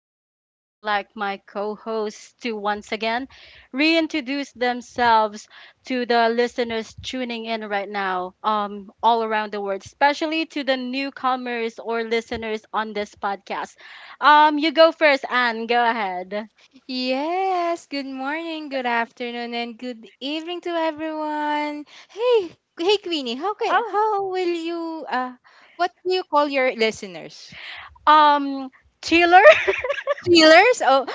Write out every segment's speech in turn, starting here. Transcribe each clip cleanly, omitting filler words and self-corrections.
question, I'd like my co hosts to once again reintroduce themselves to the listeners tuning in right now, all around the world, especially to the newcomers or listeners on this podcast. You go first, Anne, go ahead. Yes, good morning, good afternoon, and good evening to everyone. Hey, hey Queenie, how can, Oh, how will you uh what do you call your listeners? Um, Chiller? Chillers? Oh,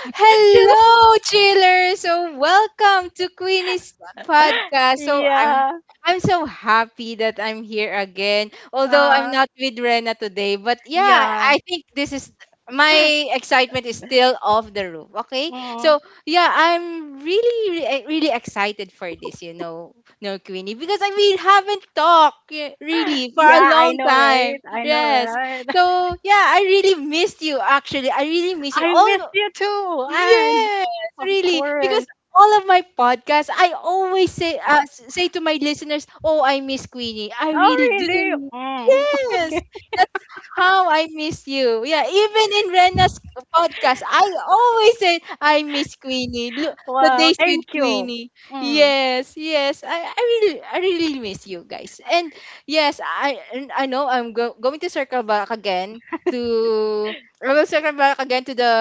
Chiller. hello, chillers. So welcome to Queenie's podcast. Yeah. I'm so happy that I'm here again. Although I'm uh not with Rena today, but yeah, Yeah. I think this is my excitement is still off the roof. Okay, Mm. so yeah, I'm really excited for this. You know, no Queenie, because I mean haven't talked yeah, really for Yeah, a I long know, right? time. I know, Yes, right? so yeah, I really missed you actually. I really miss you. I missed All you too, and yes, of really. Because course. all of my podcasts, I always say to my listeners, "Oh, I miss Queenie. I Oh, really really? do." Mm. Yes, Okay. that's how I miss you. Yeah, even in Rena's podcast, I always say, "I miss Queenie." Look, the Wow. days Thank with you. Queenie. Mm. Yes, yes. I really, I really miss you guys. And yes, I, and I know I'm going to circle back again to welcome back again to the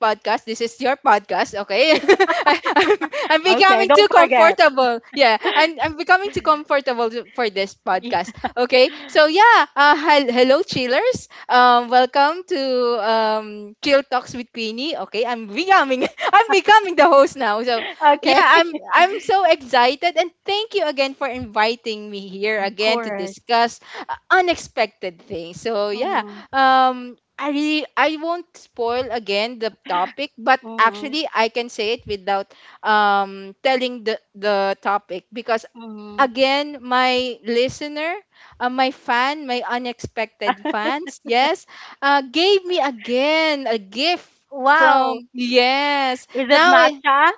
podcast. This is your podcast, okay? I'm Okay. becoming Don't too forget. comfortable. Yeah, I'm becoming too comfortable for this podcast, okay? So yeah, hello chillers. Welcome to Chill Talks with Queenie. Okay, I'm becoming I'm becoming the host now. So yeah, Okay. I'm so excited and thank you again for inviting me here Of again to course. discuss unexpected things. So yeah, Mm. I really I won't spoil again the topic, but Mm. actually I can say it without telling the topic because Mm. again my listener, my fan, my unexpected fans, yes, gave me again a gift Wow. from yes. Is it Now matcha?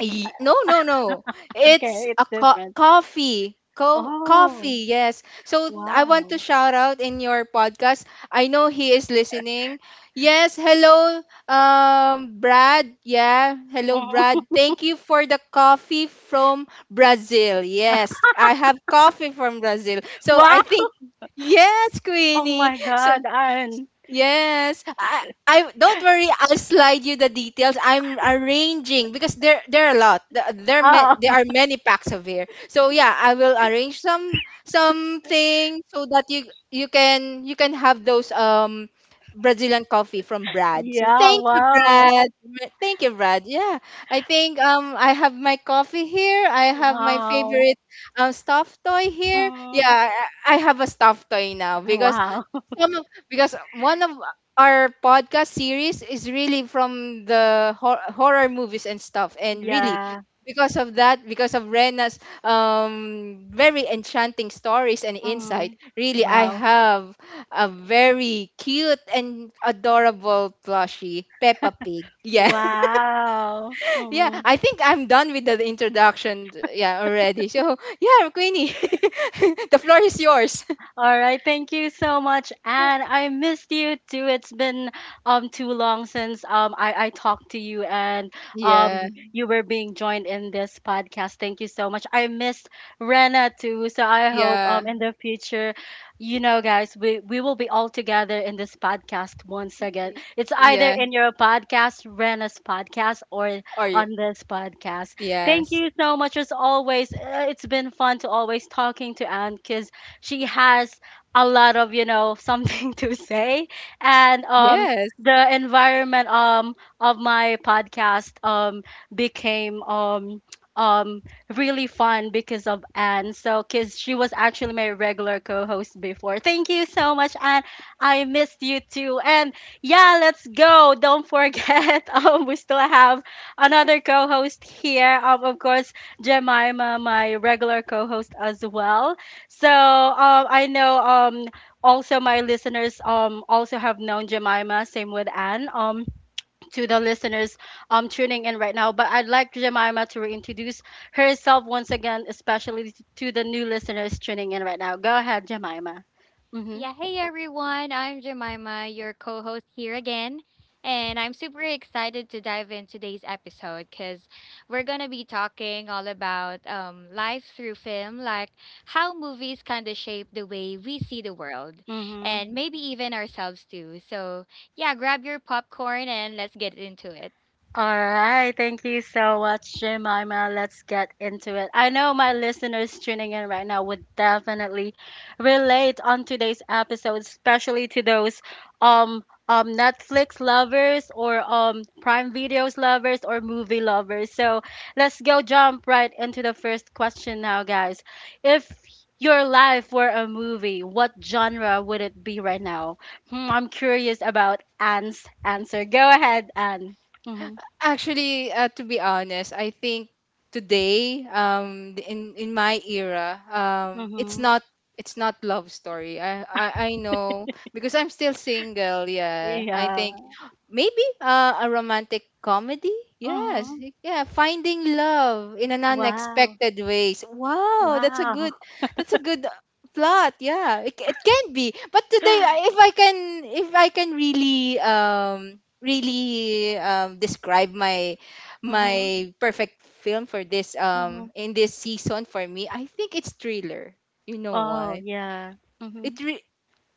No, no, no. It's Okay, it's a different. coffee. Oh, Coffee, yes. So I want to wow. shout out in your podcast. I know he is listening. Yes, hello, Brad. Yeah, hello, Mm. Brad. Thank you for the coffee from Brazil. Yes, I have coffee from Brazil. So Wow. I think yes, Oh Queenie. my So God. And yes, I don't worry. I'll slide you the details. I'm arranging because there are a lot. There oh, are many packs of here. So yeah, I will arrange some something so that you can have those Brazilian coffee from Brad. So yeah. thank you, Wow. Brad. Thank you, Brad. Yeah, I think I have my coffee here. I have my Wow. favorite stuffed toy here. Yeah, Mm. I have a stuffed toy now Ah, because wow. One of our podcast series is really from the horror movies and stuff, and really Yeah. because of that, because of Rena's very enchanting stories and insight, Mm. really I Wow. have a very cute and adorable plushie Peppa Pig, yeah. Wow. Yeah, Mm. I think I'm done with the introduction yeah already, so yeah Queenie, the floor is yours. All right, thank you so much, Anne. I missed you too. It's been too long since um I talked to you and Yeah, you were being joined in this podcast. Thank you so much. I missed Rena too, so I hope yeah, in the future, you know, guys, we will be all together in this podcast once again. It's either yeah, in your podcast, Rena's podcast, or are you on this podcast. Thank yes. you so much as always. It's been fun to always talking to Anne because she has a lot of you know something to say and Yes. the environment of my podcast became um really fun because of Anne. So cuz she was actually my regular co-host before. Thank you so much Anne. I missed you too. And yeah, let's go. Don't forget we still have another co-host here. Of course Jemima, my regular co-host as well. So I know also my listeners also have known Jemima, same with Anne, to the listeners tuning in right now. But I'd like Jemima to reintroduce herself once again, especially to the new listeners tuning in right now. Go ahead, Jemima. Mm-hmm. Yeah, hey everyone. I'm Jemima, your co host here again. And I'm super excited to dive in today's episode because we're going to be talking all about life through film, like how movies kind of shape the way we see the world Mm-hmm. and maybe even ourselves too. So, yeah, grab your popcorn and let's get into it. All right, thank you so much, Jemima. Let's get into it. I know my listeners tuning in right now would definitely relate on today's episode, especially to those Netflix lovers or Prime Videos lovers or movie lovers. So let's go jump right into the first question now, guys. If your life were a movie, what genre would it be right now? Hmm, I'm curious about Anne's answer. Go ahead, Anne. Mm-hmm. Actually, to be honest, I think today, in my era, it's Mhm. Not love story. I know because I'm still single. Yeah, I Yeah. think. Maybe a romantic comedy? Yes. Mhm. Yeah, finding love in an Wow. unexpected ways. Wow, that's a Wow. good that's a good uh, plot. Yeah, it can be. But today if I can really really describe Mhm. my perfect film for this Mhm. in this season for me, I think it's thriller. You know Oh, why? yeah. Mhm. It re-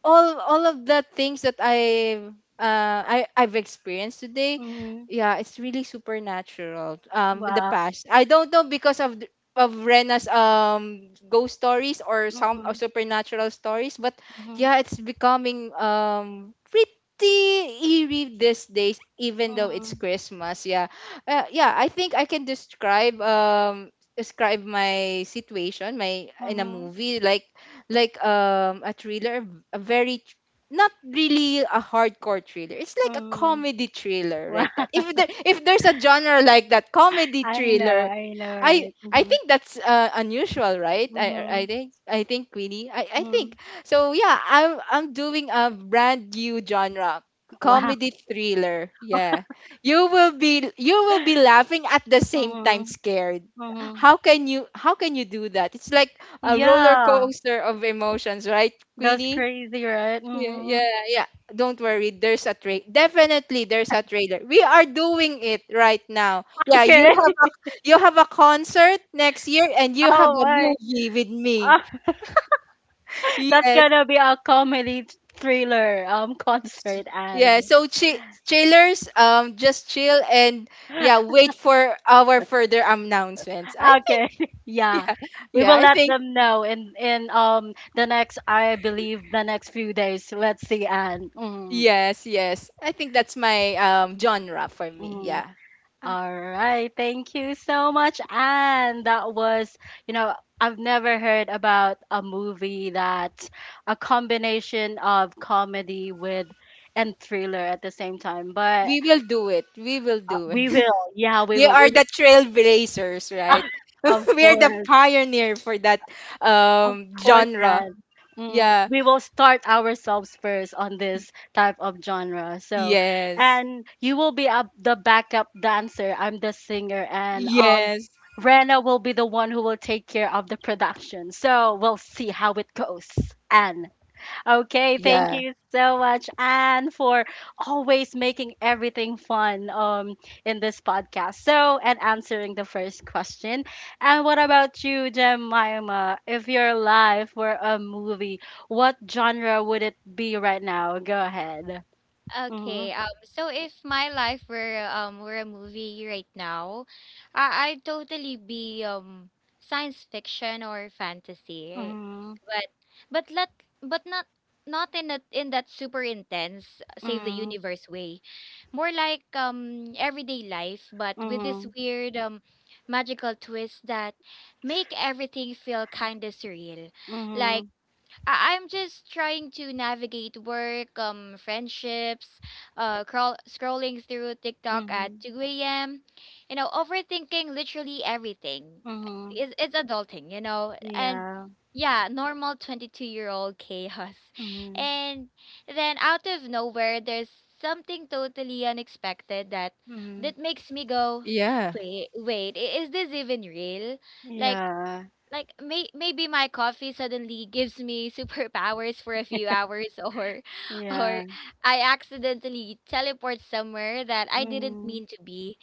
all of the things that I I've experienced today, Mhm. yeah, it's really supernatural. In the Wow. past, I don't know because of Rena's ghost stories or some or Mhm. supernatural stories, but Mhm. yeah, it's becoming pretty eerie these days, even though it's Mhm. Christmas. Yeah, yeah, I think I can describe my situation my in a Mhm. movie like a thriller, a very tr- not really a hardcore thriller. It's like a Mhm. comedy thriller Wow. like that. If there's a genre like that, comedy I know. thriller, I know, right? I Mhm. think that's unusual, right? Mhm. I think Queenie. I think Mhm. so. Yeah, I'm doing a brand new genre, Wow. comedy thriller. Yeah, you will be laughing at the same time Mhm. scared. Mhm. How can you do that? It's like a roller Yeah. coaster of emotions, right, That's Queenie? crazy, right? Yeah, Mhm. yeah, yeah. Don't worry, there's a trailer. Definitely, there's a trailer. We are doing it right now. Yeah, Okay. You have a concert next year, and you have Oh, a my. movie with me. That's Yes, gonna be a comedy thriller concert yeah. ad. So chillers, just chill and yeah, wait for our further announcements. I Okay. think, Yeah. yeah, We yeah. will I let think them know in the next, I believe, the next few days. Let's see, Anne. Mm, yes, yes. I think that's my genre for me. mm. Yeah. All right. Thank you so much, Anne. That was, you know, I've never heard about a movie that a combination of comedy with and thriller at the same time. But We will do it. We will do we it. will. Yeah, we We will. are We will. the trailblazers, right? Of We are the course. pioneer for that Of course, genre. and mm, Yeah. we will start ourselves first on Y- this type of genre. So, yes. and you will be up the backup dancer. I'm the singer, and Yes. Rena will be the one who will take care of the production. So we'll see how it goes. And okay, thank Yeah. you so much, Anne, for always making everything fun in this podcast. So, and answering the first question. And what about you, Jemima? If your life were a movie, what genre would it be right now? Go ahead. Mhm. Okay, so if my life were a movie right now, I'd totally be science fiction or fantasy. Mhm. But but let but not in that super intense save the universe way. More like everyday life, but with this Mhm. weird magical twist that make everything feel kind of surreal. Like Mhm. I'm just trying to navigate work, friendships, scrolling through Mhm. TikTok at Mhm. 2 a.m., you know, overthinking literally everything. Mhm. It's adulting, you know, and Yeah. yeah, normal 22-year-old chaos. Mhm. And then out of nowhere, there's something totally unexpected that Mhm. makes me go, Yeah. wait, wait, is this even real? Like, Yeah. Maybe my coffee suddenly gives me superpowers for a few hours or Yeah. I accidentally teleport somewhere that I didn't Mhm. mean to be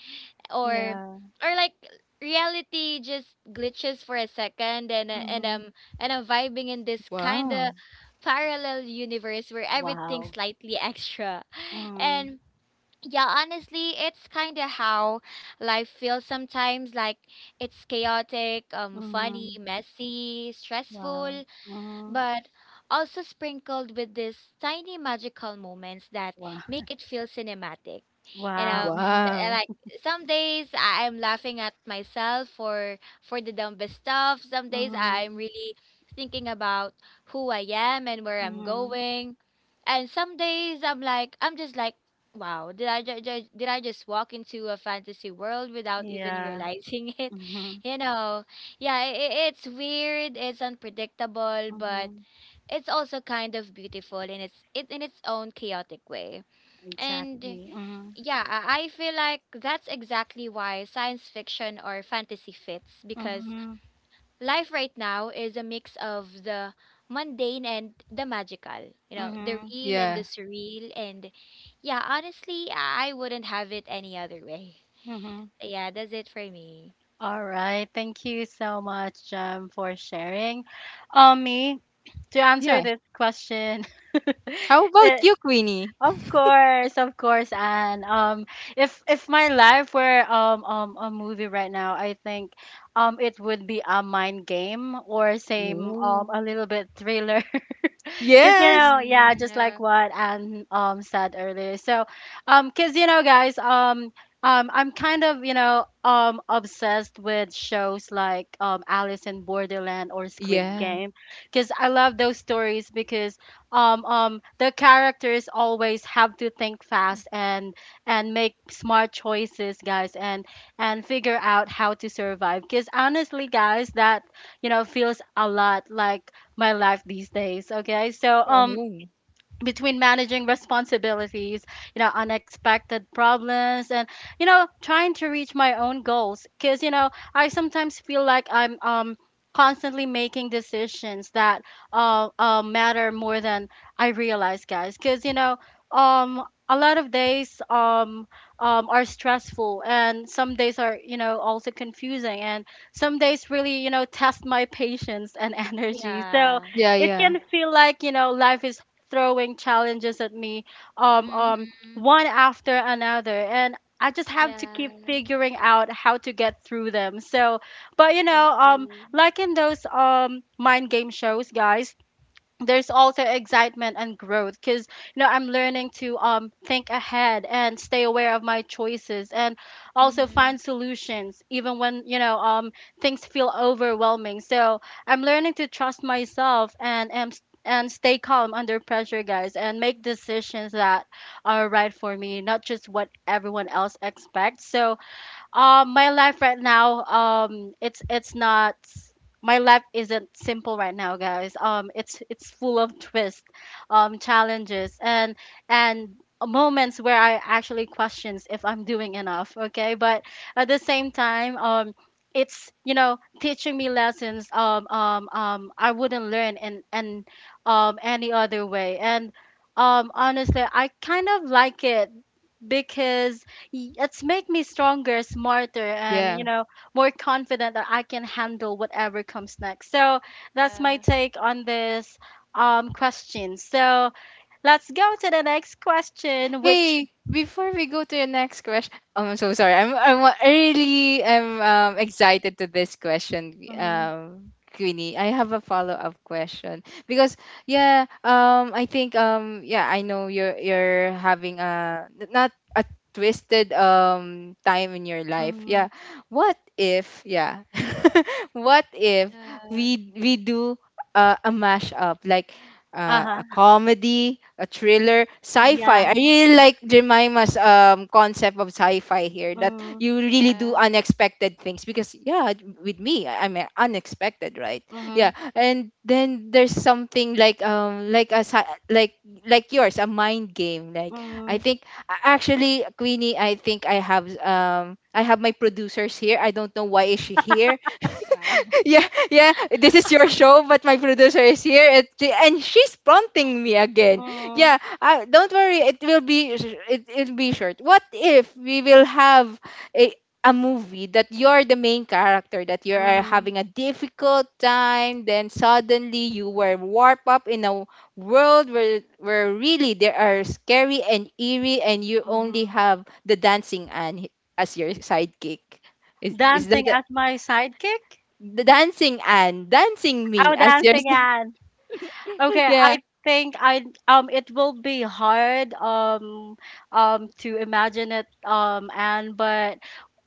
or Yeah. or like reality just glitches for a second and uh, and um Mhm. and I'm vibing in this kind Wow. of parallel universe where everything's Wow. slightly extra Mm, and yeah, honestly, it's kind of how life feels sometimes. Like it's chaotic, funny, mhm. messy, Wow. stressful, Mhm. but also sprinkled with these tiny magical moments that Wow. make it feel cinematic. You know, Wow. Mhm. Wow. like some days I'm laughing at myself for the dumbest stuff. Some days I'm Mhm. really thinking about who I am and where I'm Mhm. going. And some days I'm just like, wow, did I just walk into a fantasy world without even Yeah. realizing it? Mhm. You know, yeah, it's weird, it's unpredictable, but Mhm. it's also kind of beautiful in its it in its own chaotic way. And Exactly. Mhm. yeah, I feel like that's exactly why science fiction or fantasy fits because Mhm. life right now is a mix of the mundane and the magical. You know, the Mhm. real and the Yeah. surreal, and yeah, honestly, I wouldn't have it any other way. Mhm. Yeah, that's it for me. All right. Thank you so much, for sharing. Me to Yeah. answer this question. How about It, you, Queenie? of course, of course, and if my life were a movie right now, I think it would be a mind game or same Ooh. a little bit thriller. Cause you Yes. know, yeah, Mm, just like uh, what Anne said earlier. So, cause you know, guys, I'm kind of you know obsessed with shows like Alice in Borderland or Squid Yeah. Game, cause I love those stories because the characters always have to think fast and make smart choices, guys, and figure out how to survive. Cause honestly, guys, that you know feels a lot like my life these days. Okay, so Oh. between managing responsibilities, you know, unexpected problems, and you know, trying to reach my own goals. Because you know, I sometimes feel like I'm constantly making decisions that matter more than I realize, guys. Because you know, um. A lot of days are stressful, and some days are, you know, also confusing, and some days really, you know, test my patience and energy. So, yeah. Yeah, it yeah. can feel like you know life is throwing challenges at me um um Mhm. one after another and I just have to keep Yeah, figuring out how to get through them. So, but you know, exactly. like in those mind game shows, guys, there's also excitement and growth because you know I'm learning to think ahead and stay aware of my choices and also find Mhm. solutions even when you know things feel overwhelming. So I'm learning to trust myself and am and stay calm under pressure, guys, and make decisions that are right for me, not just what everyone else expects. So my life right now, it's not. My life isn't simple right now, guys. It's full of twists, challenges, and moments where I actually questions if I'm doing enough. Okay, but at the same time, it's you know teaching me lessons. I wouldn't learn in and any other way. And honestly, I kind of like it because Y- it's make me stronger, smarter, and you Yeah. know more confident that I can handle whatever comes next. So that's my Yeah. take on this question. So let's go to the next question, which Hey, before we go to the next question, oh, I'm so sorry. I'm really I'm excited to this question, mm, Queenie. I have a follow up question because yeah, I think yeah, I know you're having not a twisted time in your life. Yeah, mm, what if yeah, what if Yeah. We do a mashup like uh huh a comedy, a thriller, sci-fi. yeah I really Mhm. like Jemima's concept of sci-fi here that mm, you really do Yeah. unexpected things because yeah, with me I'm unexpected, right? Yeah, mm, and then there's something like a like yours, a mind game. Like I mm, think actually Queenie, I think I have my producers here. I don't know why is she here. Wow. Yeah, yeah, this is your show, but my producer is here, and, and she's prompting me again. mm, Yeah, don't worry, it will be it will be short. What if we will have a a movie that you're the main character, that you are mm, having a difficult time, then suddenly you were warped up in a world where really there are scary and eerie, and you only mm. have the dancing and as your sidekick. Is Dancing Mhm. that? as my sidekick. The dancing and dancing me Oh, as your dancing Anne. Okay, yeah, I think I it will be hard to imagine it and but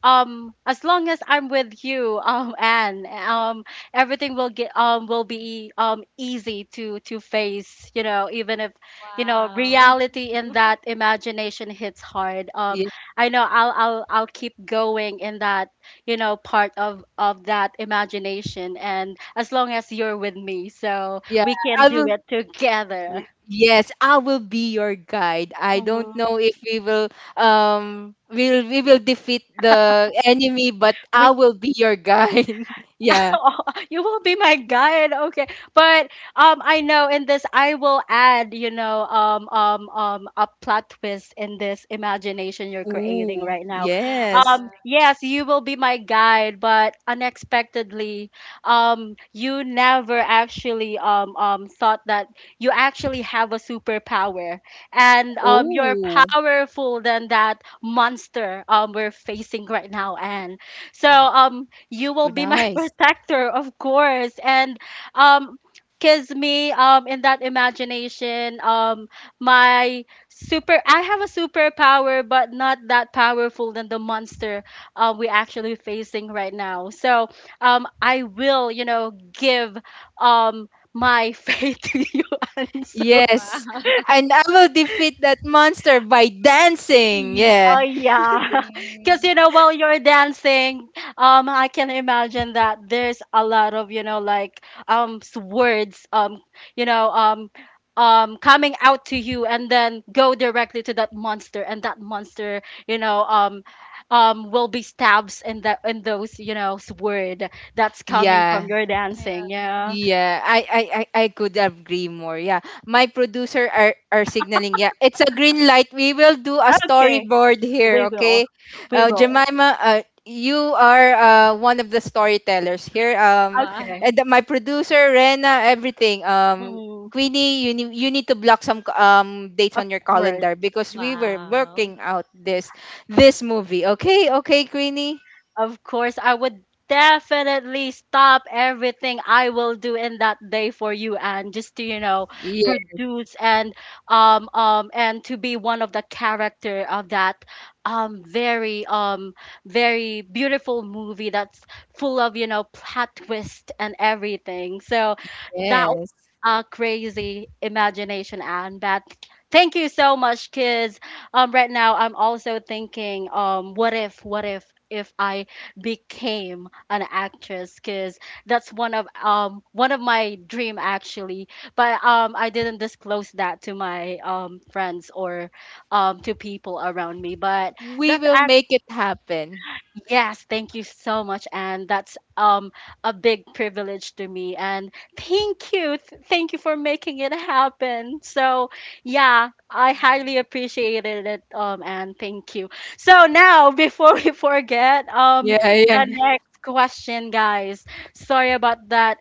as long as I'm with you, Anne, everything will get will be easy to face, you know, even if you know Wow. reality in that imagination hits hard. Yeah, I know I'll keep going in that, you know, part of that imagination and as long as you're with me, so yeah, we can I do will it together. Yes I will be your guide. I don't Mhm. know if we will we will defeat the enemy, but I We will be your guide. Yeah, you will be my guide. Okay. But I know in this I will add, you know, a plot twist in this imagination you're ooh, creating right now. yes, Yeah. Yes, you will be my guide, but unexpectedly, you never actually thought that you actually have a superpower and you're oh powerful than that monster we're facing right now and so you will be my nice, protector, of course. And um, cause me, in that imagination, my super, I have a superpower, but not that powerful than the monster, we actually facing right now. So, I will, you know, give, my faith to you, and so. yes, Wow. and I will defeat that monster by dancing, Y- Oh yeah, yeah, because Mhm. you know while you're dancing, I can imagine that there's a lot of you know like s- words you know coming out to you and then go directly to that monster and that monster you know will be stabs in that in those you know s- word that's coming from yeah. your dancing. Yeah. Yeah. Yeah, I could agree more. Yeah. My producer are signaling, yeah. It's a green light. We will do a Okay, storyboard we here, will, okay? we Mhm. will. Jemima, you are one of the storytellers here. Wow. Okay. And my producer Rena, everything. Mm, Queenie, you need to block some dates of on your course. calendar because we were Wow. working out this movie. Okay? Okay, Queenie? Of course, I would definitely stop everything I will do in that day for you, and just to you know produce and to be one of the character of that very very beautiful movie that's full of you know plot twist and everything. So that was Yes. a crazy imagination, and but thank you so much, kids. Right now I'm also thinking, what if I became an actress, because that's one of my dream actually. But I didn't disclose that to my friends or to people around me, but We that's... will make it happen. Yes, thank you so much, and that's a big privilege to me. And thank you, thank you for making it happen. So yeah, I Yeah. highly appreciated it. And thank you. So now, before we forget, Yeah, yeah. the next question, guys. Sorry about that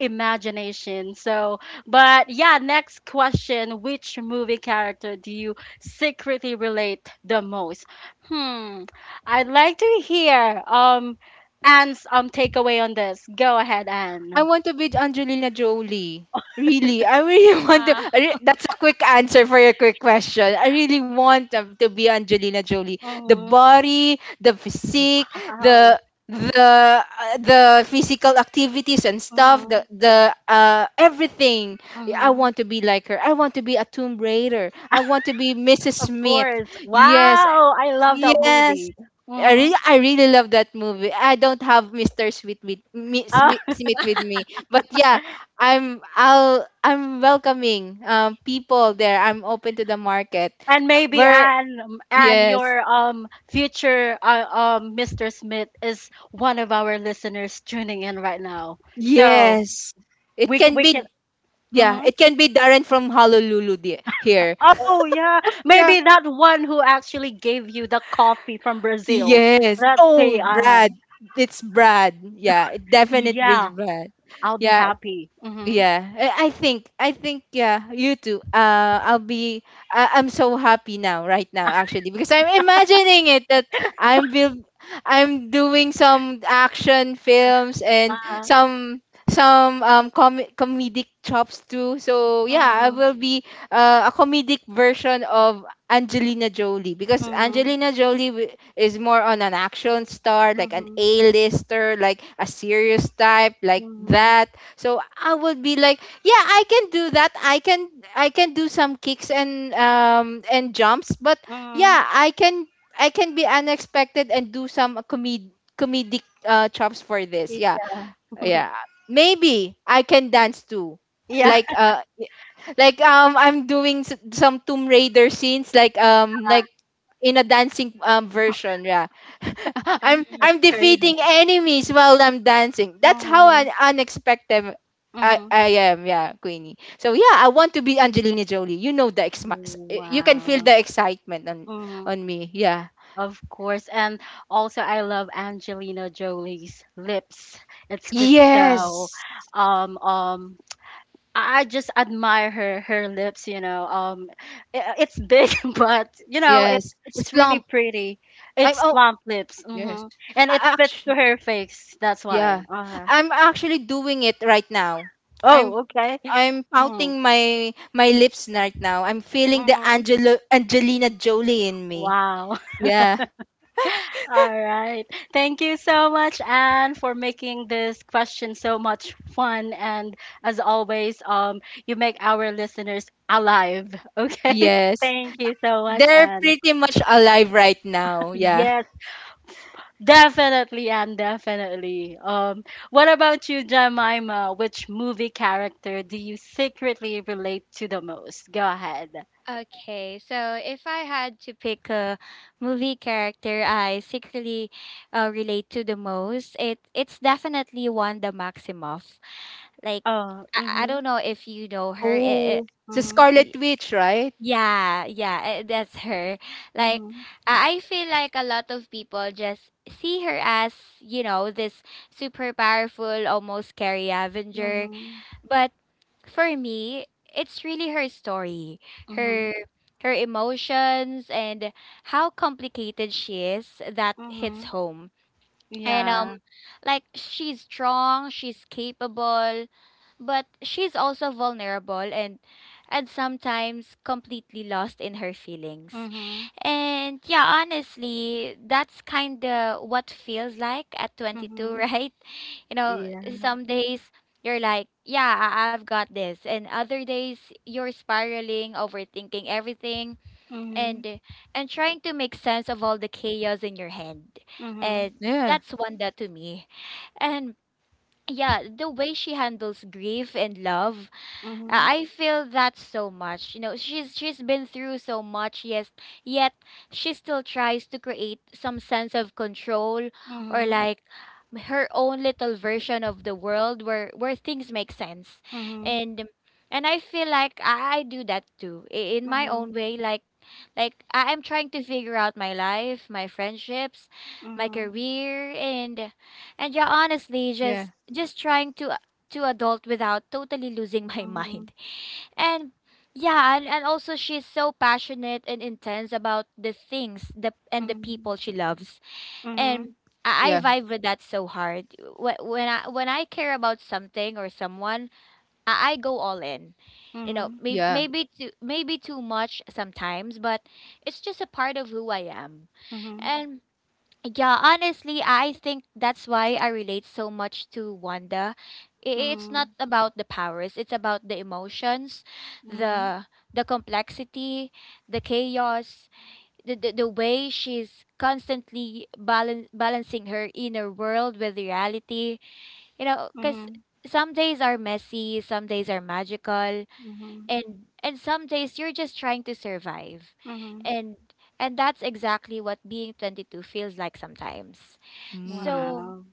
imagination. So, but yeah, next question: Which movie character do you secretly relate the most? Hmm. I'd like to hear Anne's takeaway on this. Go ahead, I Anne. want to be Angelina Jolie. Really, I really want to. Ah. That's a quick answer for your quick question. I really want to be Angelina Jolie. The Mhm. body, the physique, Wow. the the the physical activities and stuff, Mhm. The everything. Yeah, I Mhm. want to be like her. I want to be a Tomb Raider. I want to be Mrs. Of Smith. course. Yes, Wow. I love that yes. movie. Mhm. I really love that movie. I don't have Mr. Sweet with me, Sweet, Uh, Smith with me, but yeah, I'm welcoming people there. I'm open to the market. and maybe Where Anne, yes, your future Mr. Smith is one of our listeners tuning in right now. So yes, it we can we can. be yeah, Mm-hmm. it can be Darren from Honolulu here. Oh yeah, Yeah. maybe that one who actually gave you the coffee from Brazil. Yes. Let's Oh, say Brad, um, it's Brad. Yeah, it definitely yeah, Brad. I'll be Yeah, happy. Mhm. yeah, I think yeah, you too. I'm so happy now, right now, actually, because I'm imagining it that I'm build, I'm doing some action films and Uh-huh. Some comedic chops too. So yeah, I Mhm. will be a comedic version of Angelina Jolie because Mhm. Angelina Jolie is more on an action star, like an A-lister, like a serious type, like Mhm. that, so I would be like, yeah, I can do that. I can do some kicks and jumps, but yeah, Mhm. I can be unexpected and do some comed comedic chops for this. Yeah. Mhm. Yeah. Maybe I can dance too. Yeah, Like like I'm doing some Tomb Raider scenes like like in a dancing version, yeah. i'm Mhm. that's i'm crazy. defeating enemies while I'm dancing. That's how Mhm. unexpected I, Mhm. I am, yeah, Queenie. So yeah, I want to be Angelina Jolie, you know, the you can feel Wow. the excitement Mhm. on me, yeah. Of course, and also I love Angelina Jolie's lips. It's just so Yes, um um I just admire her lips, you know. I- it's big but you know, it's yes, it's it's plump. really pretty. I'm It's oh plump lips. yes, Mhm. And it fits to actually, her face. That's why. yeah, Uh-huh. I'm actually doing it right now. i'm Oh, okay. I'm Mm. pouting my lips right now. I'm feeling the Mhm. Angelo Angelina Jolie in me. Wow. Yeah. All right. Thank you so much, Anne, for making this question so much fun. And as always, you make our listeners alive. Okay. Yes. Thank you so much, They're Anne. pretty much alive right now. Yeah. Yes. Definitely and definitely. What about you, Jemima? Which movie character do you secretly relate to the most? Go ahead. Okay, so if I had to pick a movie character I secretly relate to the most, it's definitely Wanda Maximoff. Like Oh, I mm-hmm, don't know if you know her. Oh, it's a mm-hmm, Scarlet it, Witch, right? yeah, yeah, that's her. Like mm-hmm, I feel like a lot of people just see her as, you know, this super powerful, almost scary Avenger, but for me, it's really her story, mm-hmm, mm-hmm, her her emotions and how complicated she is that mm-hmm. hits home. And Yeah. like she's strong, she's capable, but she's also vulnerable and sometimes completely lost in her feelings. Mm-hmm, And yeah, honestly, that's kind of what feels like at 22, mm-hmm. right? You know, Yeah. some days you're like, yeah, I've got this, and other days you're spiraling, overthinking everything, Mm-hmm, and uh, and trying to make sense of all the chaos in your head. mm-hmm, And Yeah. that's Wanda to me. And yeah, the way she handles grief and love, mm-hmm, I feel that so much. You know, she's been through so much, yes, yet she still tries to create some sense of control, or like her own little version of the world where things make sense. mm-hmm, And and I feel like I do that too, in my own mm-hmm, way, like I'm trying to figure out my life, my friendships, my mm-hmm, career, and yeah, honestly, Yeah. just trying to adult without totally losing my mind. And yeah, and also she's so passionate and intense about the things the and the mm-hmm, people she loves. mm-hmm, And Yeah. I vibe with that so hard. When I care about something or someone, I go all in. You know, mm-hmm, Yeah. Maybe too much sometimes, but it's just a part of who I am. mm-hmm, mm-hmm, mm-hmm, And yeah, honestly, I think that's why I relate so much to Wanda. I- It's not about the powers, it's about the emotions, mm-hmm, the the complexity, the chaos, the way she's constantly balancing her inner world with reality. You know, cuz mm-hmm. some days are messy, some days are magical, Mm-hmm. And some days you're just trying to survive, Mhm. and and that's exactly what being 22 feels like sometimes. Mm. So Wow.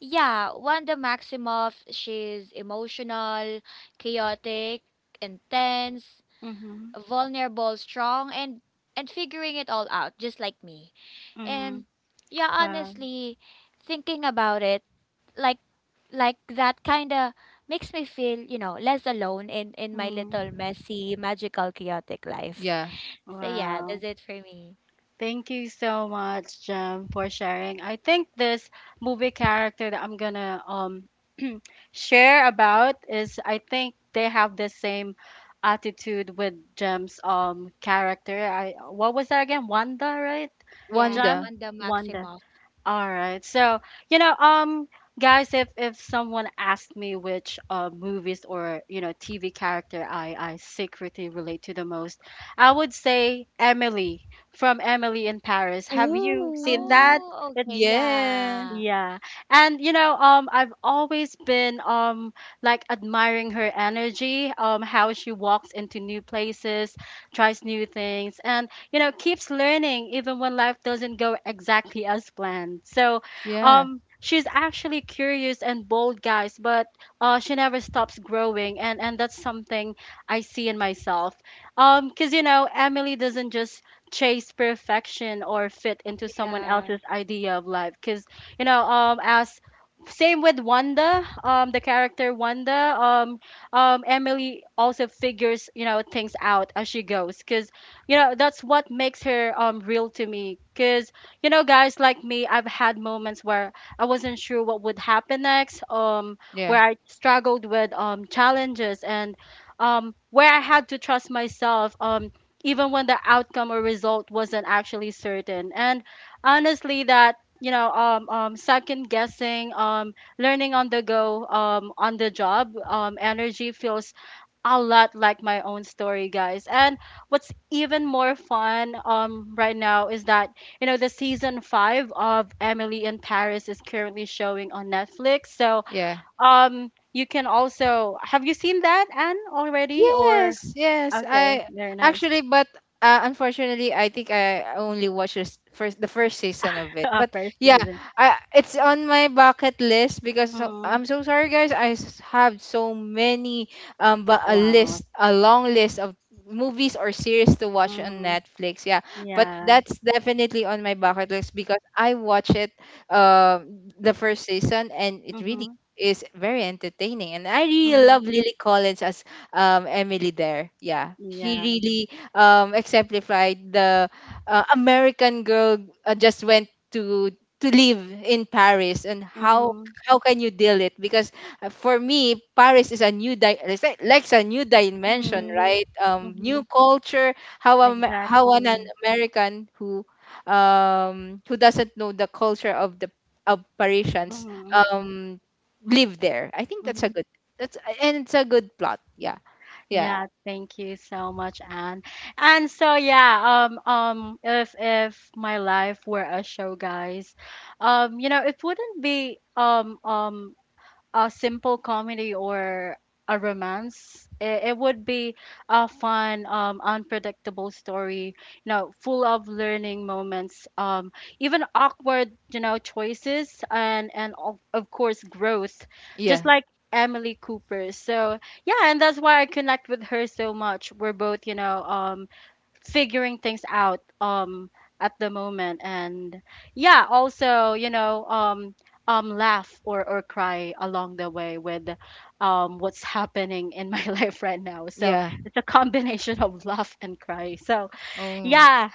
yeah, Wanda Maximoff, she's emotional, chaotic, intense, Mhm. vulnerable, strong, and figuring it all out, just like me. And Mhm. yeah, Wow. honestly, thinking about it, like like that kind of makes me feel, you know, less alone in my Mhm. little messy, magical, chaotic life. Yeah. So yeah, that's Wow. it for me. Thank you so much, Jem, for sharing. I think this movie character that I'm gonna share about is, I think they have the same attitude with Jem's character. I, what was that again? Wanda, right? Yes, Wanda. Jem? Wanda Wanda. Maximoff. All right. So, you know, guys, if someone asked me which movies or, you know, TV character I secretly relate to the most, I would say Emily from Emily in Paris. Have you seen Ooh. that? Oh, okay, It's Yeah. yeah, yeah. And you know, I've always been like admiring her energy, um, how she walks into new places, tries new things, and you know, keeps learning even when life doesn't go exactly as planned. So, Yeah. She's actually curious and bold, guys, but she never stops growing, and that's something I see in myself. Cuz you know, Emily doesn't just chase perfection or fit into someone yeah. else's idea of life, cuz you know, as same with Wanda, the character Wanda um Emily also figures you know things out as she goes, cuz you know that's what makes her real to me, cuz you know guys, like me, I've had moments where I wasn't sure what would happen next, Yeah. where I struggled with challenges, and where I had to trust myself even when the outcome or result wasn't actually certain. And honestly, that, you know, second guessing, um, learning on the go, um, on the job, um, energy feels a lot like my own story, guys. And what's even more fun right now is that you know the season 5 of Emily in Paris is currently showing on Netflix, so Yeah. You can also... have you seen that Anne already or... Yes, yes. okay, I very nice. actually, but unfortunately, I think I only watched this first the first season of it. Uh, But first yeah, season. I it's on my bucket list because so, Mm, I'm so sorry, guys. I have so many but a wow. list, a long list of movies or series to watch on Mm, Netflix. Yeah, but yeah. that's definitely on my bucket list because I watch it uh, the first season and it really Mhm. is very entertaining and I really love Mhm. Lily Collins as Emily there. Yeah, she Yeah. really exemplified the American girl just went to live in Paris. And Mhm. how can you deal it? Because for me, Paris is a new it's like a new dimension, Mhm. right? New Mhm. culture. How am how an Exactly. American who doesn't know the culture of the of Parisians Mhm. um live there. I think that's a Mhm. good that's and it's a good plot. Yeah. Yeah, Yeah, thank you so much, Anne. And so yeah, if my life were a show, guys, you know, it wouldn't be a simple comedy or a romance. It would be a fun, unpredictable story, you know, full of learning moments, even awkward, you know, choices, and of course, growth, just yeah, like Emily Cooper. So yeah, and that's why I connect with her so much. We're both, you know, figuring things out at the moment. And yeah, also you know, laugh or cry along the way with what's happening in my life right now, so yeah. it's a combination of laugh and cry, so Oh, yeah,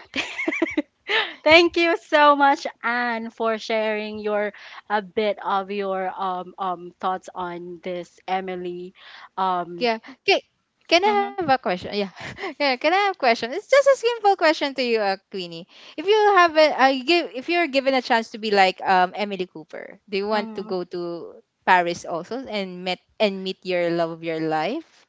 thank you so much, Anne, for sharing your, a bit of your, thoughts on this Emily um yeah. Can, can I have a mhm, question? Yeah, yeah. Can I have a question? It's just a simple question to you, Queenie. If you have a, give, if you're given a chance to be like Emily Cooper, do you want to mhm. go to Paris also and met and meet your love of your life?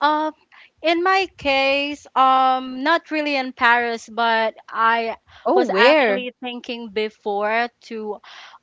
Um, in my case, not really embarrassed, but I Oh, was where? actually thinking before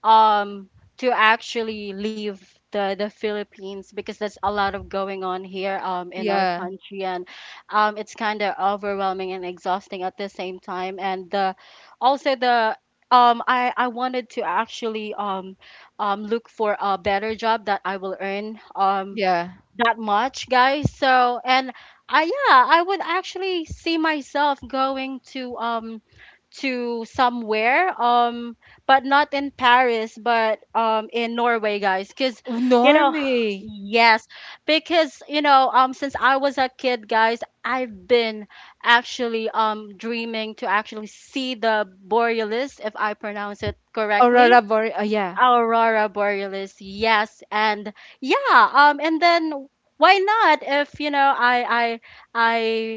um, to actually leave the Philippines, because there's a lot of going on here, in our Yeah, country, and it's kind of overwhelming and exhausting at the same time, and the, also the. I wanted to actually look for a better job that I will earn yeah. that much, guys. So, and I, yeah, I would actually see myself going to um, to somewhere um, but not in Paris, but um, in Norway, guys, cuz Oh, you know, Norway, yes, because you know, um, since I was a kid, guys, I've been actually um, dreaming to actually see the Borealis if I pronounce it Aurora correctly. Boreal. Yeah, Aurora Borealis, yes, and yeah, and then why not if you know I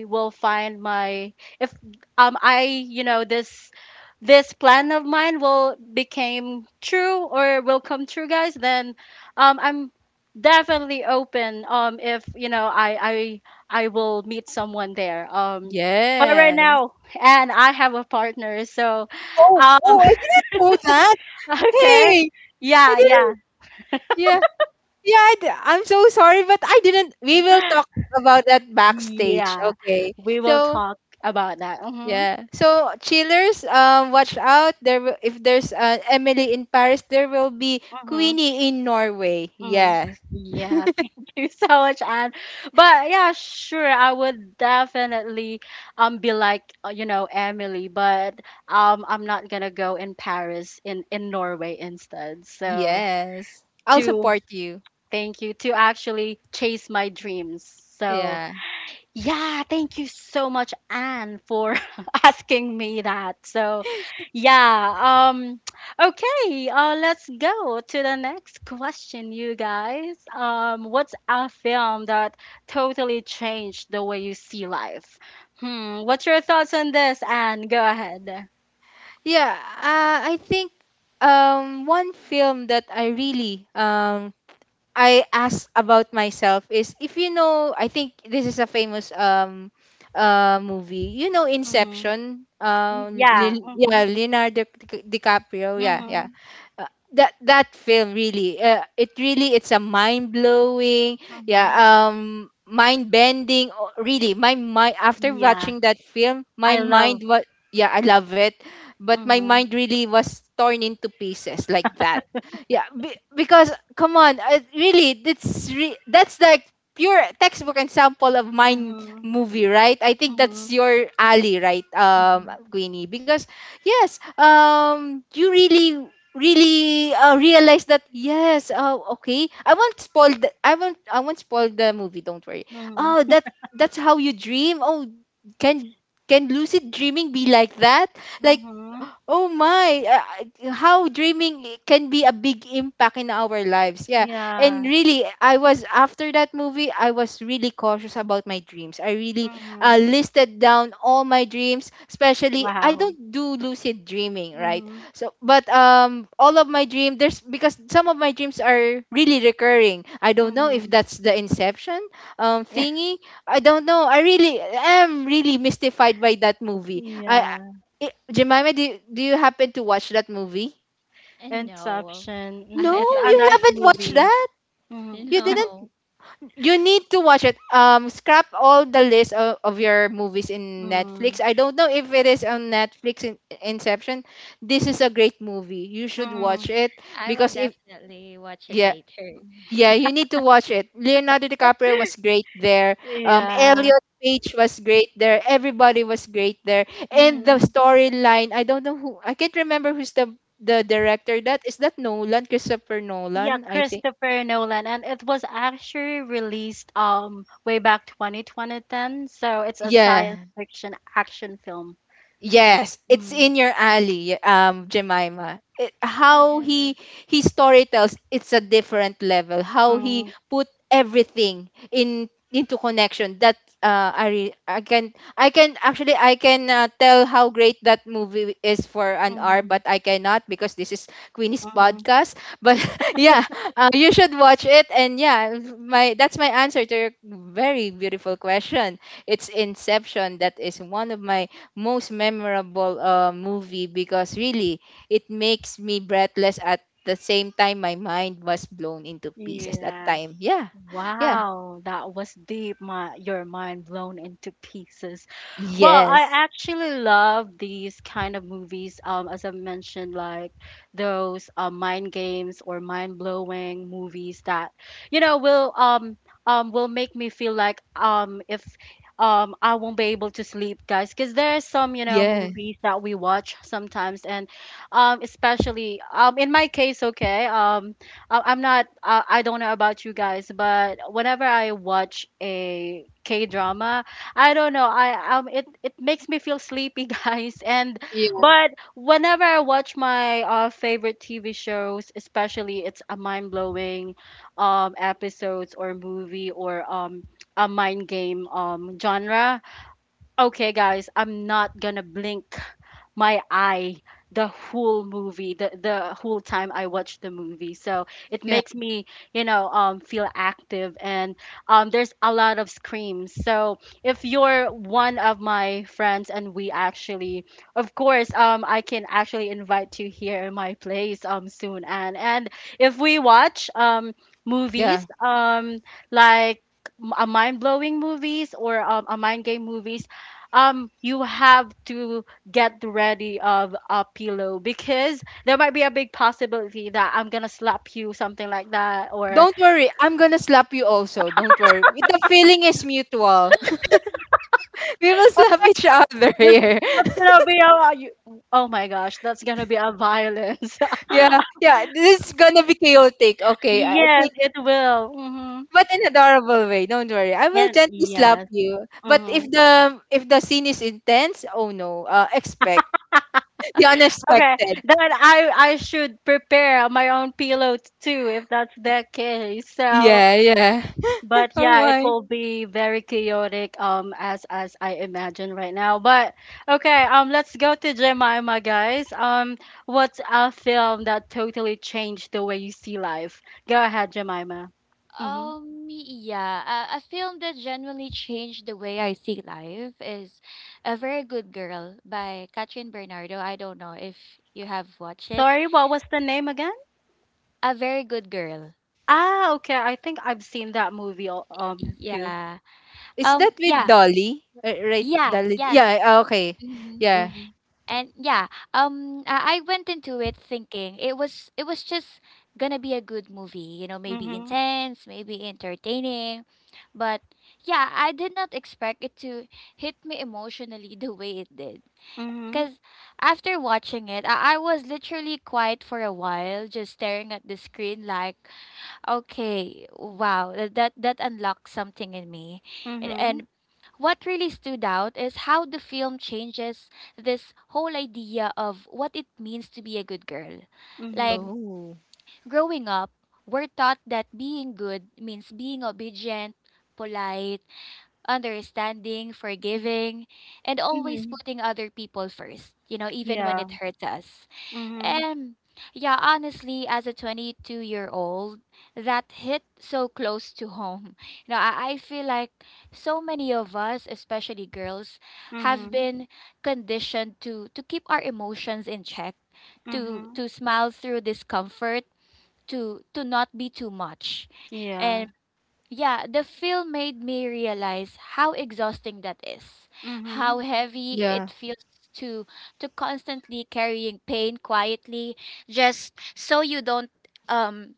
I will find my, if um, I, you know, this plan of mine will became true or will come true, guys, then I'm definitely open if you know I I will meet someone there um, but right yes. now and I have a partner so Oh, um, oh, I didn't know that. okay, Hey, I yeah yeah. didn't. Yeah, I'm so sorry, but I didn't. We will talk about that backstage. Yeah, Okay. we will So talk about that. Mm-hmm. yeah. So chillers, watch out. There, will, if there's Emily in Paris, there will be Mm-hmm. Queenie in Norway. Mm. Yes. Yeah, thank you so much, Anne. But yeah, sure, I would definitely be like you know, Emily, but I'm not gonna go in Paris, in Norway instead. So Yes. I'll to support you. thank you to actually chase my dreams. So Yeah. yeah, thank you so much, Anne, for asking me that. So, yeah, okay, let's go to the next question, you guys. What's a film that totally changed the way you see life? Hmm, what's your thoughts on this, Anne? Go ahead. Yeah. I think one film that I really I ask about myself is if you know, I think this is a famous movie. You know Mm-hmm. Inception, Yeah. Lil Mm-hmm. yeah, DiCaprio, yeah, yeah. Mm-hmm. Uh, that film really it really it's a mind blowing, yeah, Mm-hmm. Mind bending really. My mind after Yeah, watching that film, my I love. mind was yeah, I love it, but my Mm-hmm. mind really was torn into pieces like that. Yeah, be, because come on, I, really, that's like pure textbook example of mine Mm-hmm. movie, right? I think Mm-hmm. that's your alley, right, Queenie? Because yes, you really really realize that yes, oh, okay, I won't spoil the movie. Don't worry. Oh, Mm-hmm. that that's how you dream. Oh, can can lucid dreaming be like that? Like. Mm-hmm. Oh my, how dreaming can be a big impact in our lives. Yeah. Yeah. And really, I was after that movie, I was really cautious about my dreams. I really Mhm. listed down all my dreams, especially I Wow. don't do lucid dreaming, right? Mhm. So, but all of my dream there's because some of my dreams are really recurring. I don't know if Mhm. that's the inception Yeah. thingy. I don't know. I really am really mystified by that movie. Yeah. I- Jemima, do you happen to watch that movie? And no, Inception. Mhm. No, I It's a you nice haven't. haven't watched movie. that. Mhm. You didn't. No, You need to watch it. Scrap all the list of your movies in Mhm. Netflix. I don't know if it is on Netflix in Inception. This is a great movie. You should watch Mhm. it I will because if definitely watch it yeah, later. Yeah, you need to watch it. Leonardo DiCaprio was great there. Yeah. Elliot Page was great there. Everybody was great there. And the Mhm. storyline, I don't know who, I can't remember who's the director. That is that Nolan, Christopher Yeah, Nolan, I think. Christopher Nolan, and it was actually released way back 2010. So it's a Yeah, science fiction action film. That's- Yes, it's Mhm. in your alley, Jemima. It, how Yeah. he storytells, it's a different level. How he Mhm. put everything in into connection. That I can actually I can tell how great that movie is for an hour, but Mhm. I cannot because this is Queenie's Mhm. podcast. But yeah, you should watch it. And yeah, my that's my answer to your very beautiful question. It's Inception. That is one of my most memorable movie because really it makes me breathless at the same time my mind was blown into pieces that Yeah. time, yeah, yeah, Wow, that was deep. My, your mind blown into pieces. Well, I yes, actually love these kind of movies. As I mentioned, like those mind games or mind blowing movies that you know will um, um, will make me feel like um, if um, I won't be able to sleep, guys, because there are some you know yeah. movies that we watch sometimes, and um, especially um, in my case, okay, um, I'm not I don't know about you guys, but whenever I watch a K drama. I don't know. I um, it makes me feel sleepy, guys. And Yeah. but whenever I watch my uh, favorite TV shows, especially it's a mind-blowing um, episodes or movie or um, a mind game um, genre. Okay, guys, I'm not gonna blink my eye the whole movie, the whole time I watch the movie, so it Yeah, makes me, you know, um, feel active, and um, there's a lot of screams, so if you're one of my friends and we actually, of course, um, I can actually invite you here in my place um, soon, and if we watch um, movies yeah, um, like m- a mind-blowing movies or a mind game movies, um, you have to get ready of a pillow because there might be a big possibility that I'm gonna slap you, something like that, or don't worry, I'm gonna slap you also, don't worry, the feeling is mutual. We will oh, slap each other this- here. that's gonna be a you, oh my gosh, that's gonna be a violence. Yeah, yeah, this is gonna be chaotic, okay, I Yes, think, it will. Mm-hmm. but in adorable way. Don't worry. I will And gently slap yes. you. But Mm-hmm. If the scene is intense, oh no, expect the Okay, unexpected. then I should prepare my own pillow too if that's the case. So Yeah, yeah. but Oh yeah, it my. will be very chaotic, as I imagine right now. But okay, let's go to Jemima, guys. What's a film that totally changed the way you see life? Go ahead, Jemima. Mm-hmm. Yeah, a film that genuinely changed the way I see life is A Very Good Girl by Katrin Bernardo. I don't know if you have watched it. Sorry, what was the name again? A Very Good Girl. Ah, okay, I think I've seen that movie, too. Yeah. Is that with Yeah. Dolly? Right, Yeah. Dolly. Yeah. Yeah, okay. mhm. Yeah. Mm-hmm. And yeah, I went into it thinking it was just gonna be a good movie, you know, maybe Mm-hmm. intense, maybe entertaining, but yeah, I did not expect it to hit me emotionally the way it did. Mm-hmm. Because after watching it, I was literally quiet for a while, just staring at the screen like, okay, wow, that unlocked something in me. And, Mm-hmm. and what really stood out is how the film changes this whole idea of what it means to be a good girl. Like, Mm-hmm. Oh. growing up, we're taught that being good means being obedient, polite, understanding, forgiving, and always Hmm. putting other people first, you know, even when Yeah. it hurts us. Mm-hmm. And yeah, honestly, as a 22-year-old, that hit so close to home. You know, I feel like so many of us, especially girls, have Mm-hmm. been conditioned to keep our emotions in check, Mm-hmm. to smile through discomfort. To not be too much. Yeah. Yeah, the film made me realize how exhausting that is, how Mm-hmm. heavy Yeah. it feels to to constantly carrying pain quietly, just so you don't um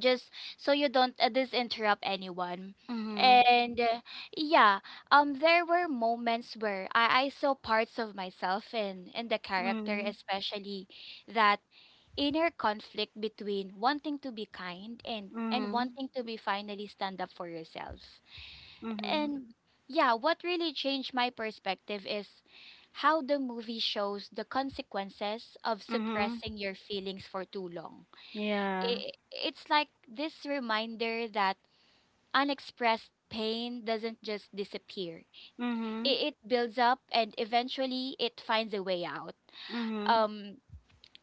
just disinterrupt anyone, Mm-hmm. and yeah, there were moments where I saw parts of myself in the character, Mhm. especially that inner conflict between wanting to be kind and Mhm. wanting to be finally stand up for yourself. Mhm. And yeah, what really changed my perspective is how the movie shows the consequences of Mhm. suppressing your feelings for too long. Yeah. It's like this reminder that unexpressed pain doesn't just disappear. Mhm. It builds up, and eventually it finds a way out. Mhm. Um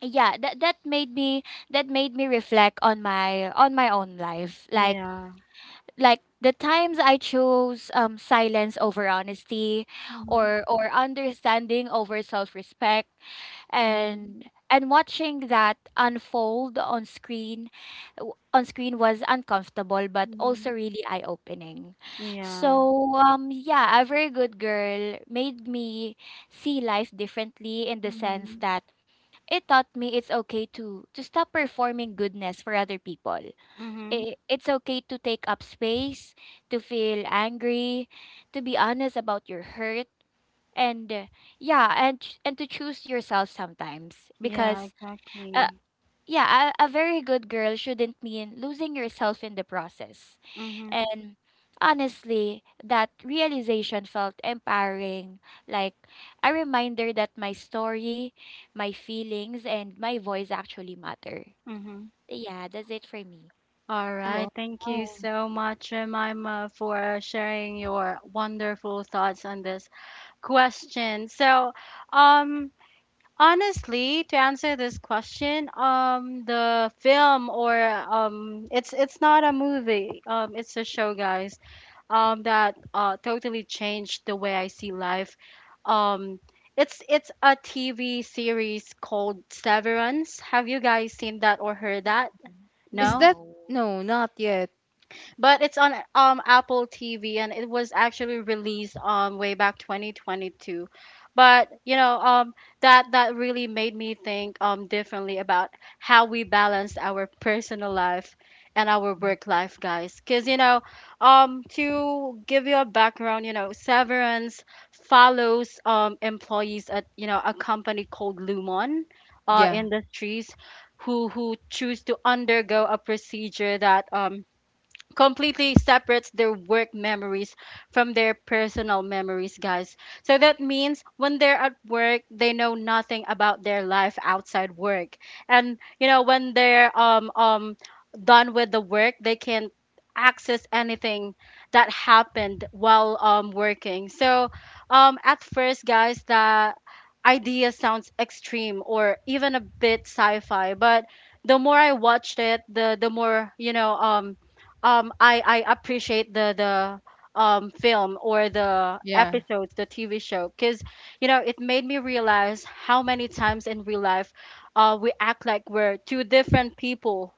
yeah, that made me reflect on my own life. Yeah. Like the times I chose silence over honesty, Mhm. Or understanding over self-respect, Mhm. and and watching that unfold on screen, on screen, was uncomfortable but Mhm. also really eye-opening. Yeah. So yeah, A Very Good Girl made me see life differently in the sense Mhm. that it taught me it's okay to stop performing goodness for other people. Mhm. I- it's okay to take up space, to feel angry, to be honest about your hurt, and yeah, and to choose yourself sometimes, Yeah, because uh, exactly. yeah, a very good girl shouldn't mean losing yourself in the process. Mhm. And honestly, that realization felt empowering, like a reminder that my story, my feelings, and my voice actually matter. Mhm. Yeah, that's it for me. All right. Wow. Thank you so much, Jemima, for sharing your wonderful thoughts on this question. So, um, Honestly, to answer this question, the film or, it's not a movie. It's a show, guys. That totally changed the way I see life. Um, it's a TV series called Severance. Have you guys seen that or heard that? Is No? that No. No, not yet. But it's on Apple TV, and it was actually released way back 2022. But you know, that really made me think differently about how we balance our personal life and our work life, guys. Cause you know, to give you a background, you know, Severance follows employees at, you know, a company called Lumon, Yeah. industries, who choose to undergo a procedure that completely separates their work memories from their personal memories, guys. So that means when they're at work, they know nothing about their life outside work. And you know, when they're done with the work, they can't access anything that happened while working. So at first, guys, the idea sounds extreme or even a bit sci-fi, but the more I watched it, the more, you know, I appreciate the film or the Yeah. episodes, the TV show, because you know, it made me realize how many times in real life, we act like we're two different people.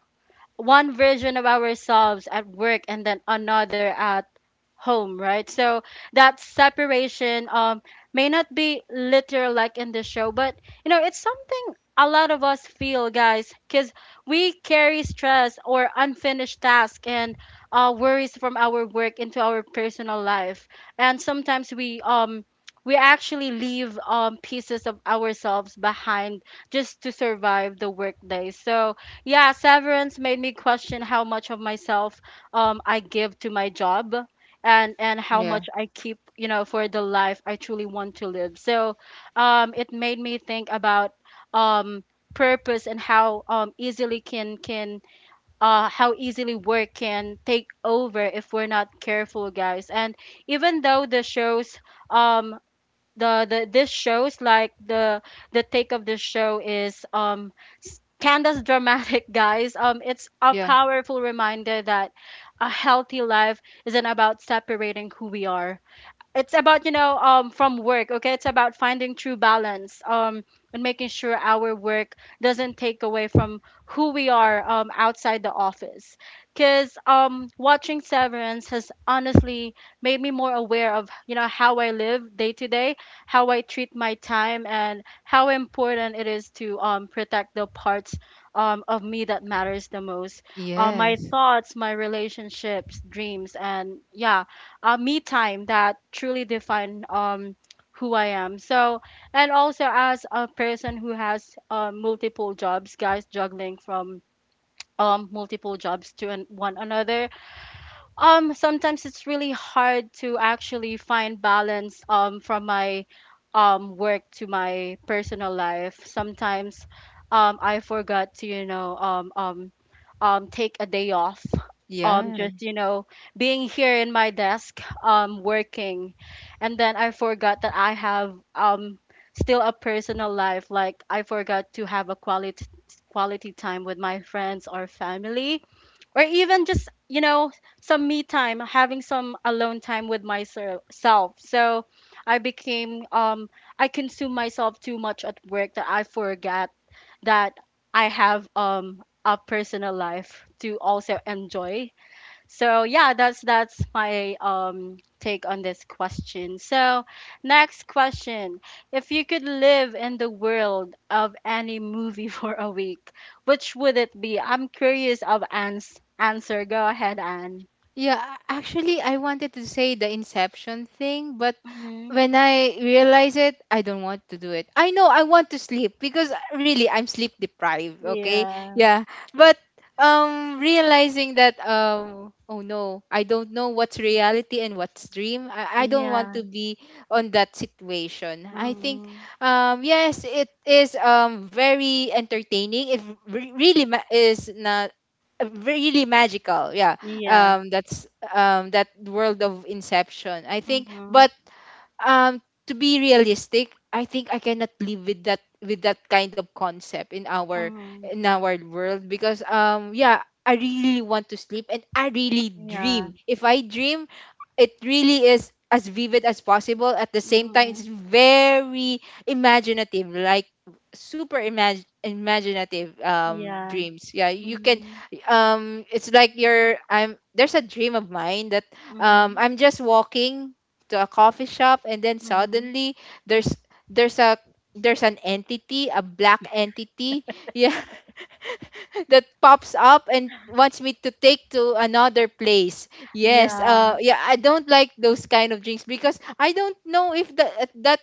One version of ourselves at work and then another at home, right? So that separation may not be literal like in the show, but you know, it's something a lot of us feel, guys, because we carry stress or unfinished tasks and, worries from our work into our personal life, and sometimes we actually leave pieces of ourselves behind just to survive the workday. So yeah, severance made me question how much of myself I give to my job, and how Yeah. much I keep, you know, for the life I truly want to live. So, it made me think about um purpose and how easily can how easily work can take over if we're not careful, guys. And even though the shows um the this show's like the take of this show is, um, Canda's dramatic guys, it's a Yeah. powerful reminder that a healthy life isn't about separating who we are, it's about, you know, from work. Okay, it's about finding true balance, and making sure our work doesn't take away from who we are outside the office. Because watching severance has honestly made me more aware of, you know, how I live day to day, how I treat my time, and how important it is to protect the parts of me that matters the most, my Yes. thoughts, my relationships, dreams, and yeah, me time, that truly define who I am. So, and also as a person who has, multiple jobs, guys, juggling from multiple jobs to one another. Sometimes it's really hard to actually find balance from my work to my personal life. Sometimes I forgot to, you know, take a day off, Yeah. just, you know, being here in my desk working, and then I forgot that I have still a personal life. Like I forgot to have a quality time with my friends or family, or even just, you know, some me time, having some alone time with myself. So I became I consume myself too much at work that I forgot that I have a personal life to also enjoy. So yeah, that's my take on this question. So, next question. If you could live in the world of any movie for a week, which would it be? I'm curious of Anne's answer. Go ahead, Anne. Yeah, actually, I wanted to say the Inception thing, but Mm-hmm. when I realize it, I don't want to do it. I know I want to sleep because really I'm sleep deprived. Okay, Yeah. yeah, but realizing that oh no, I don't know what's reality and what's dream. I don't want Yeah. to be on that situation. I think Mm-hmm. Yes, it is very entertaining. Is not really magical, yeah, Yeah. That's that world of inception, I think, Mm-hmm. but to be realistic, I think I cannot live with that kind of concept Mm-hmm. in our world because yeah, I really want to sleep and I really Yeah. dream. If I dream it really is as vivid as possible, at the same time Mm-hmm. it's very imaginative, like super imaginative Yeah. dreams. Yeah, you can Mm-hmm. It's like you're I'm there's a dream of mine that Mhm. I'm just walking to a coffee shop, and then Mhm. suddenly there's there's a there's an entity, a black entity, yeah, that pops up and wants me to take to another place. Yes, Yeah. Yeah, I don't like those kind of drinks because I don't know if that at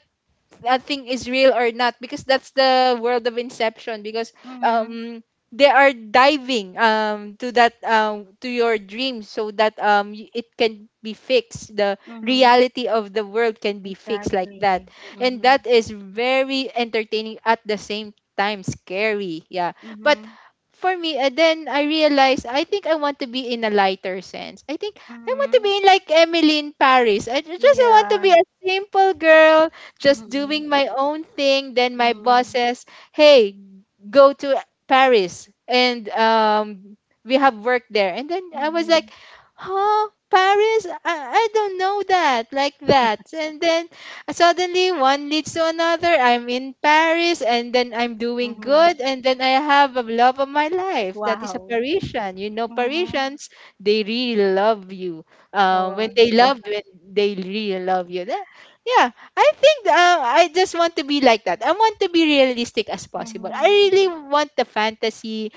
that thing is real or not, because that's the world of inception, because Mhm. um they are diving to that to your dreams so that it can be fixed. The Mhm. reality of the world can be fixed like that, Exactly. and that Mhm. is very entertaining at the same time scary, yeah. But Mhm. for me, and then I realized I think I want to be in a lighter sense. I think I want to Mhm. be like Emily in Paris. Just want to be Yeah. a simple girl just doing Mhm. my own thing. Then my boss Mhm. says, "Hey, go to Paris, and we have work there." And then I was like, Mhm. "Huh, Paris? I don't know that like that." And then suddenly one leads to another. I'm in Paris, and then I'm doing Mhm. good, and then I have a love of my life that is a Wow. Parisian. You know, Mhm. Parisians they really love you. When Oh, they wow. love, when they really love you. That- Yeah, I think I just want to be like that. I want to be realistic as possible. I Mhm. really want the fantasy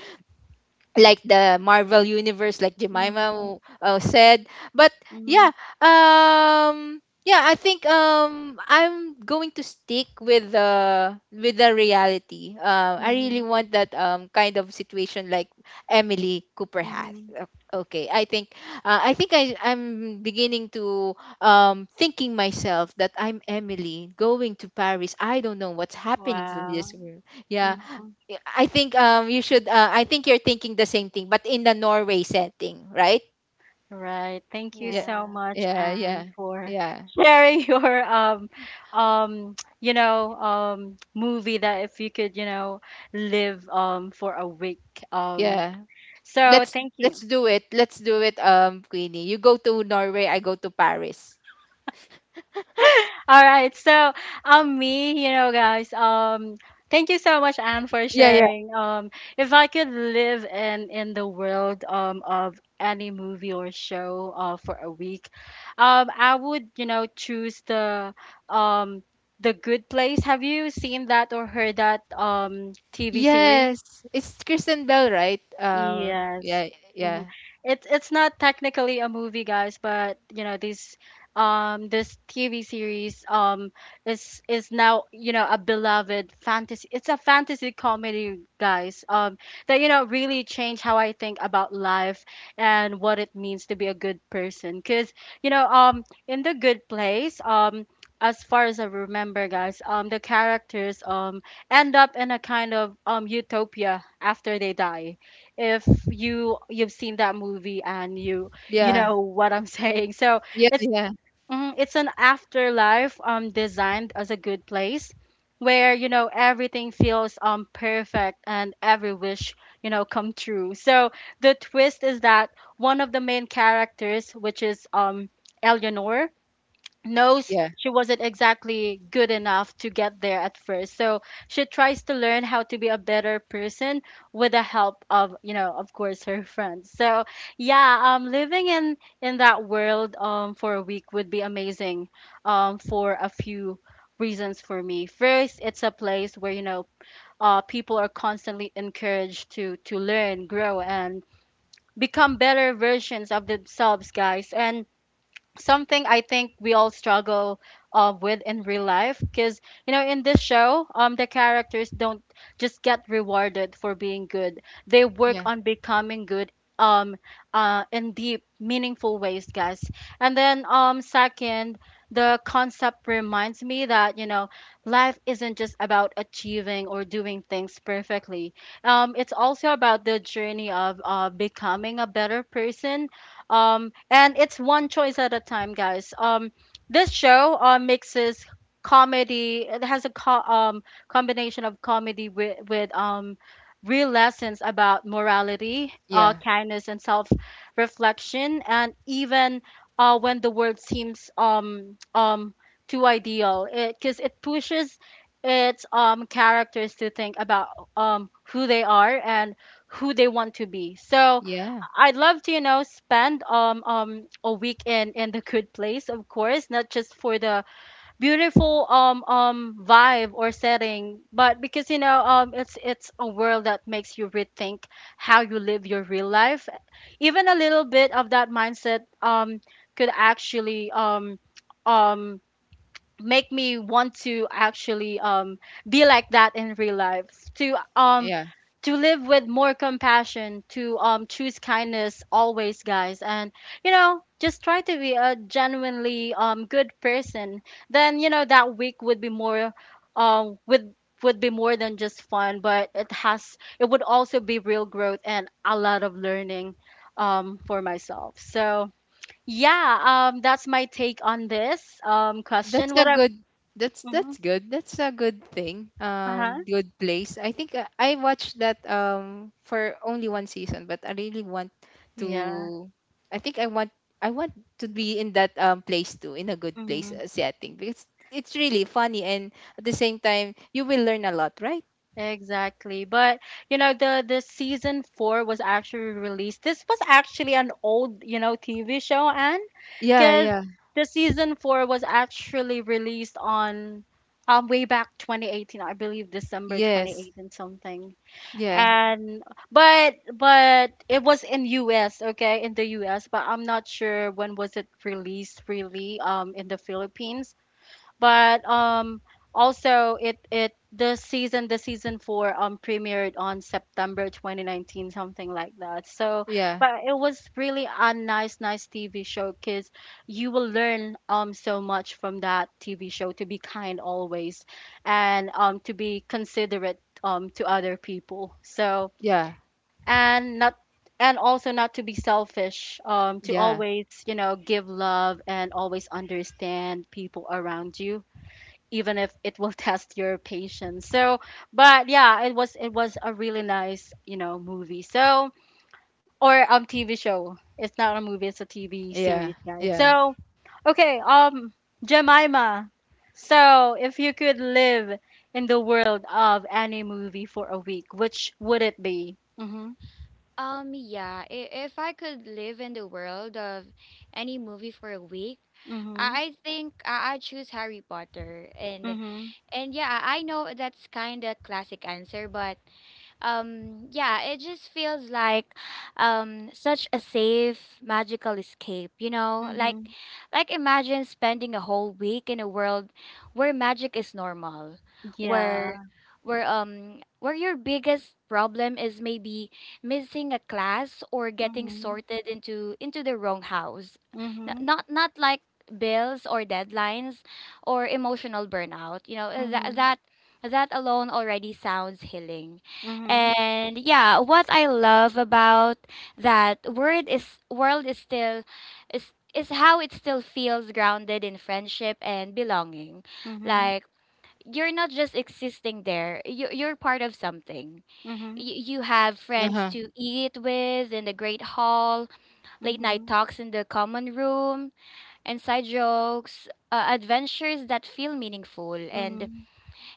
like the Marvel universe, like Jemima Mhm. Said. But Mhm. yeah, yeah, I think I'm going to stick with the reality. I really Mhm. want that kind of situation like Emily Cooper has. Mhm. O- Okay, I think I'm beginning to thinking myself that I'm Emily going to Paris. I don't know what's happening to this Wow. world. Yeah, Mhm. yeah, I think you should I think you're thinking the same thing but in the Norway setting, right? Right. Thank you Yeah. so Yeah. much, Yeah, yeah. Anne, for Yeah. sharing your you know, movie that if you could, you know, live for a week. Um Yeah. so thank Let's you. do it. Let's do it Queenie. You go to Norway, I go to Paris. All right. So, me, you know, guys, thank you so much, Anne, for Yeah, yeah. sharing. If I could live in the world of any movie or show for a week, I would, you know, choose um the Good Place. Have you seen that or heard that TV series? Yes. It's Kristen Bell, right? Yes. Yeah, hmm yeah. it's not technically a movie, guys, but you know, this TV series is now, you know, a beloved fantasy. It's a fantasy comedy, guys. That you know really changed how I think about life and what it means to be a good person. Cause you know, in the Good Place, as far as I remember, guys, the characters end up in a kind of utopia after they die, if you've seen that movie and you Yeah. know what I'm saying. So Yeah, it's, yeah. mhm, it's an afterlife designed as a good place where, you know, everything feels perfect and every wish, you know, come true. So the twist is that one of the main characters, which is Eleanor, knows Yeah. she wasn't exactly good enough to get there at first. So she tries to learn how to be a better person with the help of, you know, of course, her friends. So yeah, living in that world for a week would be amazing for a few reasons for me. First, it's a place where, you know, people are constantly encouraged to learn, grow, and become better versions of themselves, guys, and something I think we all struggle, with in real life. Because, you know, in this show, the characters don't just get rewarded for being good, they work Yeah. on becoming good, um in deep, meaningful ways, guys. And then, second, the concept reminds me that, you know, life isn't just about achieving or doing things perfectly, it's also about the journey of, becoming a better person, and it's one choice at a time, guys. This show, mixes comedy. It has a combination of comedy with real lessons about morality, Yeah. kindness, and self reflection. And even, when the world seems too ideal, because it, 'cause it pushes its characters to think about who they are and who they want to be. So Yeah. I'd love to, you know, spend a week in the good place, of course, not just for the beautiful vibe or setting, but because, you know, it's a world that makes you rethink how you live your real life. Even a little bit of that mindset could actually um make me want to actually be like that in real life, to um Yeah. to live with more compassion, to choose kindness always, guys, and you know, just try to be a genuinely good person. Then you know, that week would be more, um would would be more than just fun, but it has, it would also be real growth and a lot of learning for myself. So yeah, that's my take on this That's question. a What? good Mhm. that's good. That's a good thing. Uh-huh. Good place. I think I watched that for only one season, but I really want Yeah. to I think I want I want to be in that place too, in a good place Mhm. Setting, because it's really funny and at the same time you will learn a lot, right? Exactly. But you know, the season 4 was actually released. This was actually an old, you know, TV show. And Yeah, cuz yeah. the season 4 was actually released on way back 2018, I believe December Yes. 2018 something. Yeah. And but it was in US, okay, in the US, but I'm not sure when was it released really in the Philippines. But also it the season 4 premiered on September 2019, something like that. So, Yeah. but it was really a nice TV show. Cuz you will learn so much from that TV show to be kind always, and to be considerate to other people. So, Yeah. and not, and also not to be selfish, to Yeah. always, you know, give love and always understand people around you, even if it will test your patience. So, but yeah, it was a really nice, you know, movie. So, or TV show. It's not a movie, it's a TV Yeah. series, guys. Yeah. So, okay, Jemima. So, if you could live in the world of any movie for a week, which would it be? Mhm. Yeah, if I could live in the world of any movie for a week, Mhm. I think I choose Harry Potter. And Mhm. And yeah, I know that's kind of classic answer, but yeah, it just feels like such a safe magical escape, you know, Mhm. like imagine spending a whole week in a world where magic is normal, where Yeah. Where your biggest problem is maybe missing a class or getting Mhm. sorted into the wrong house. Mhm. Not not like bills or deadlines or emotional burnout. You know, Mhm. That alone already sounds healing. Mhm. And yeah, what I love about that word is world is still is how it still feels grounded in friendship and belonging. Mhm. Like you're not just existing there. You're part of something. Mhm. You have friends Uh-huh. to eat with in the great hall, late night Mhm. talks in the common room, and side jokes, adventures that feel meaningful. Mhm.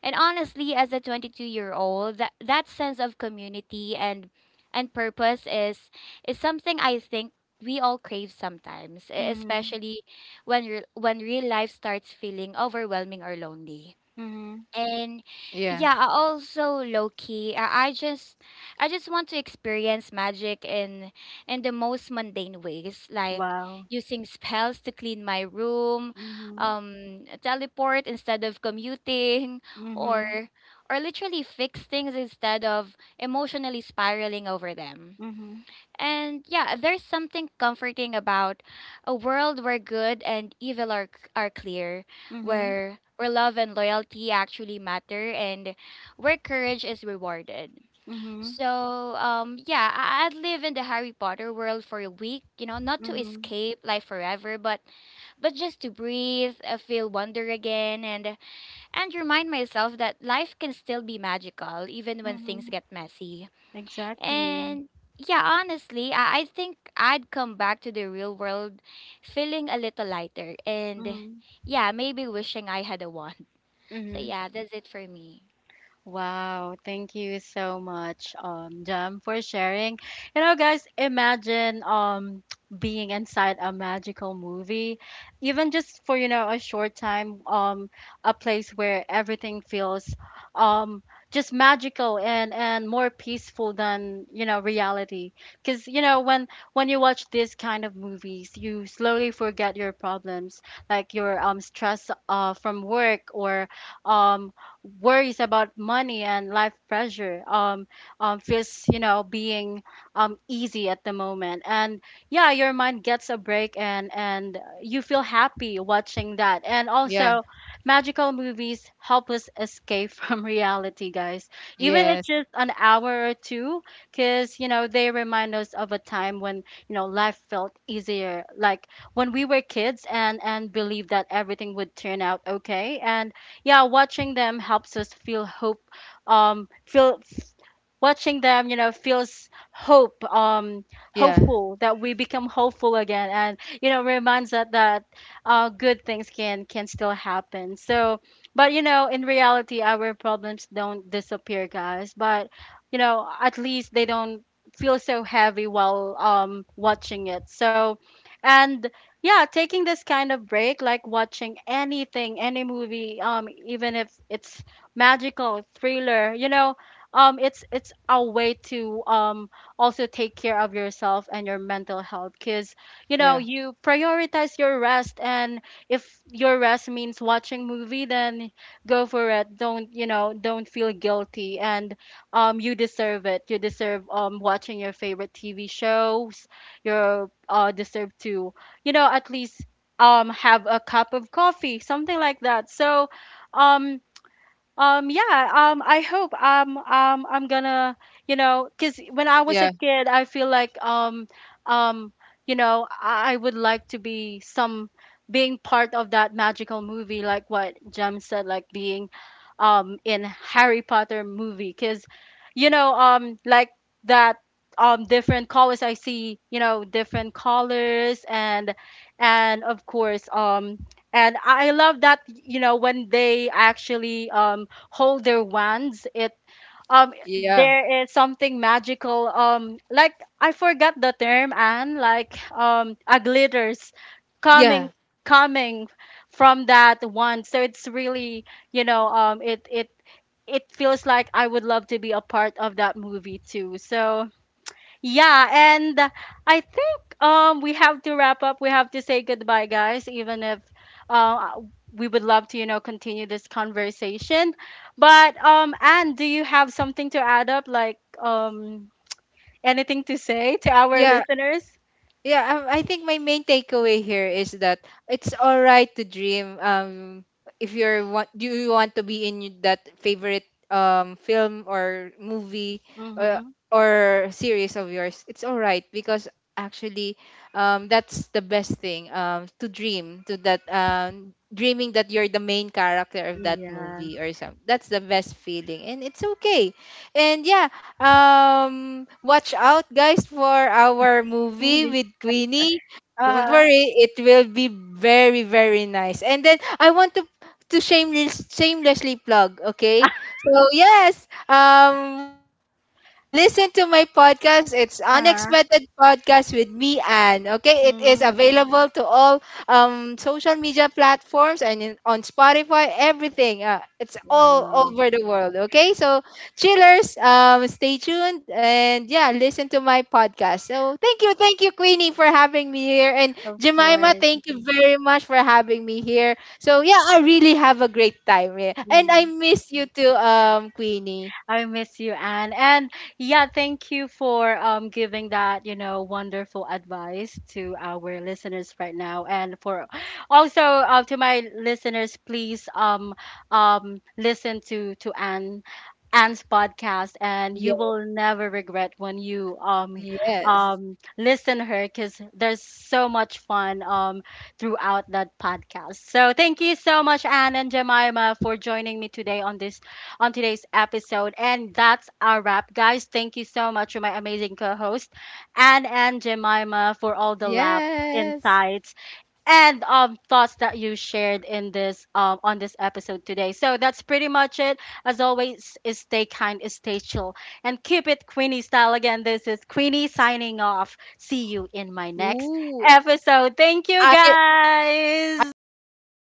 And honestly, as a 22-year-old, that that sense of community and purpose is something I think we all crave sometimes, Mhm. especially when when real life starts feeling overwhelming or lonely. Mhm. And Yeah. yeah, I also low key, I just want to experience magic in the most mundane ways, like Wow. using spells to clean my room, Mhm. Teleport instead of commuting, or Mhm. or literally fix things instead of emotionally spiraling over them. Mhm. And yeah, there's something comforting about a world where good and evil are clear, Mhm. Where love and loyalty actually matter, and where courage is rewarded. Mhm. So yeah, I'd live in the Harry Potter world for a week, you know, not to Mhm. escape life forever, but just to breathe, feel wonder again, and remind myself that life can still be magical even when things Mhm. get messy. Exactly. And yeah, honestly, I think I'd come back to the real world feeling a little lighter, and Mhm. yeah, maybe wishing I had a wand. So Mhm. yeah, that's it for me. Wow, thank you so much, Jam, for sharing. You know, guys, imagine being inside a magical movie, even just for a short time, a place where everything feels um just magical and more peaceful than reality. Because you know when you watch these kind of movies, you slowly forget your problems, like your stress from work or um worries about money and life pressure feels, you know, being easy at the moment. And yeah, your mind gets a break and you feel happy watching that. And Yeah. also, magical movies help us escape from reality, guys. Even it's Yes. just an hour or two, because, you know, they remind us of a time when, you know, life felt easier. Like, when we were kids and believed that everything would turn out okay and yeah, watching them helps us feel hope. Feel Watching them, you know, feels hope. Um, Yeah. hopeful that we become hopeful again, and you know, reminds us that good things can still happen. So, but you know, in reality, our problems don't disappear, guys. But you know, at least they don't feel so heavy while watching it. So, and yeah, taking this kind of break, like watching anything, any movie, even if it's magical thriller, it's a way to also take care of yourself and your mental health, because you know, Yeah. you prioritize your rest. And if your rest means watching movie, then go for it. Don't feel guilty. And you deserve it. You deserve watching your favorite TV shows. You deserve to, you know, at least have a cup of coffee, something like that. Um yeah, I hope I'm gonna, you know, because when I was a Yeah. kid, I feel like, um, you know, I would like to be some being part of that magical movie, like what Jem said, like being in Harry Potter movie, because, like that different colors, I see, you know, different colors, and of course, and I love that, you know, when they actually, hold their wands. It Yeah. there is something magical, like, I forgot the term. And like a glitters Yeah, coming, coming from that wand. So it's really, it it feels like I would love to be a part of that movie too. So yeah, and I think we have to wrap up. We have to say goodbye, guys, even if uh, we would love to, you know, continue this conversation. But Anne, do you have something to add up, like anything to say to our yeah, listeners? yeah. I think my main takeaway here is that it's all right to dream. If you're want, do you want to be in that favorite film or movie or Mhm. or series of yours? It's all right because actually, that's the best thing. To dream to that dreaming that you're the main character of that Yeah. movie or something. That's the best feeling, and it's okay. And yeah, um, watch out, guys, for our movie Movie. with Queenie. Don't Uh-huh. worry, it will be very, very nice. And then I want to shamelessly plug, okay? So yes, watch my, listen to my podcast. It's Uh-huh. Unexpected Podcast with me, Anne. Okay, it is Mm. available to all social media platforms and on Spotify, everything. It's all Wow. over the world. Okay, so chillers, stay tuned and yeah, listen to my podcast. So thank you, Queenie, for having me here. And Of Jemima, course. thank you very much for having me here. So yeah, I really have a great time. Yeah. And I Mm. miss you too, Queenie. I miss you, Anne. And yeah, thank you for giving that, you know, wonderful advice to our listeners right now. And for also to my listeners, please listen to Anne's podcast, and you Yeah, will never regret when you yes. Listen her, because there's so much fun throughout that podcast. So thank you so much, Anne and Jemima, for joining me today on this on today's episode. And that's our wrap, guys. Thank you so much to my amazing co host, Anne and Jemima, for all the laughs, Yes. insights, and thoughts that you shared in this on this episode today. So that's pretty much it. As always, is stay kind, is stay chill, and keep it Queenie style. Again, this is Queenie signing off. See you in my next Ooh. episode. Thank you, I guys. I like your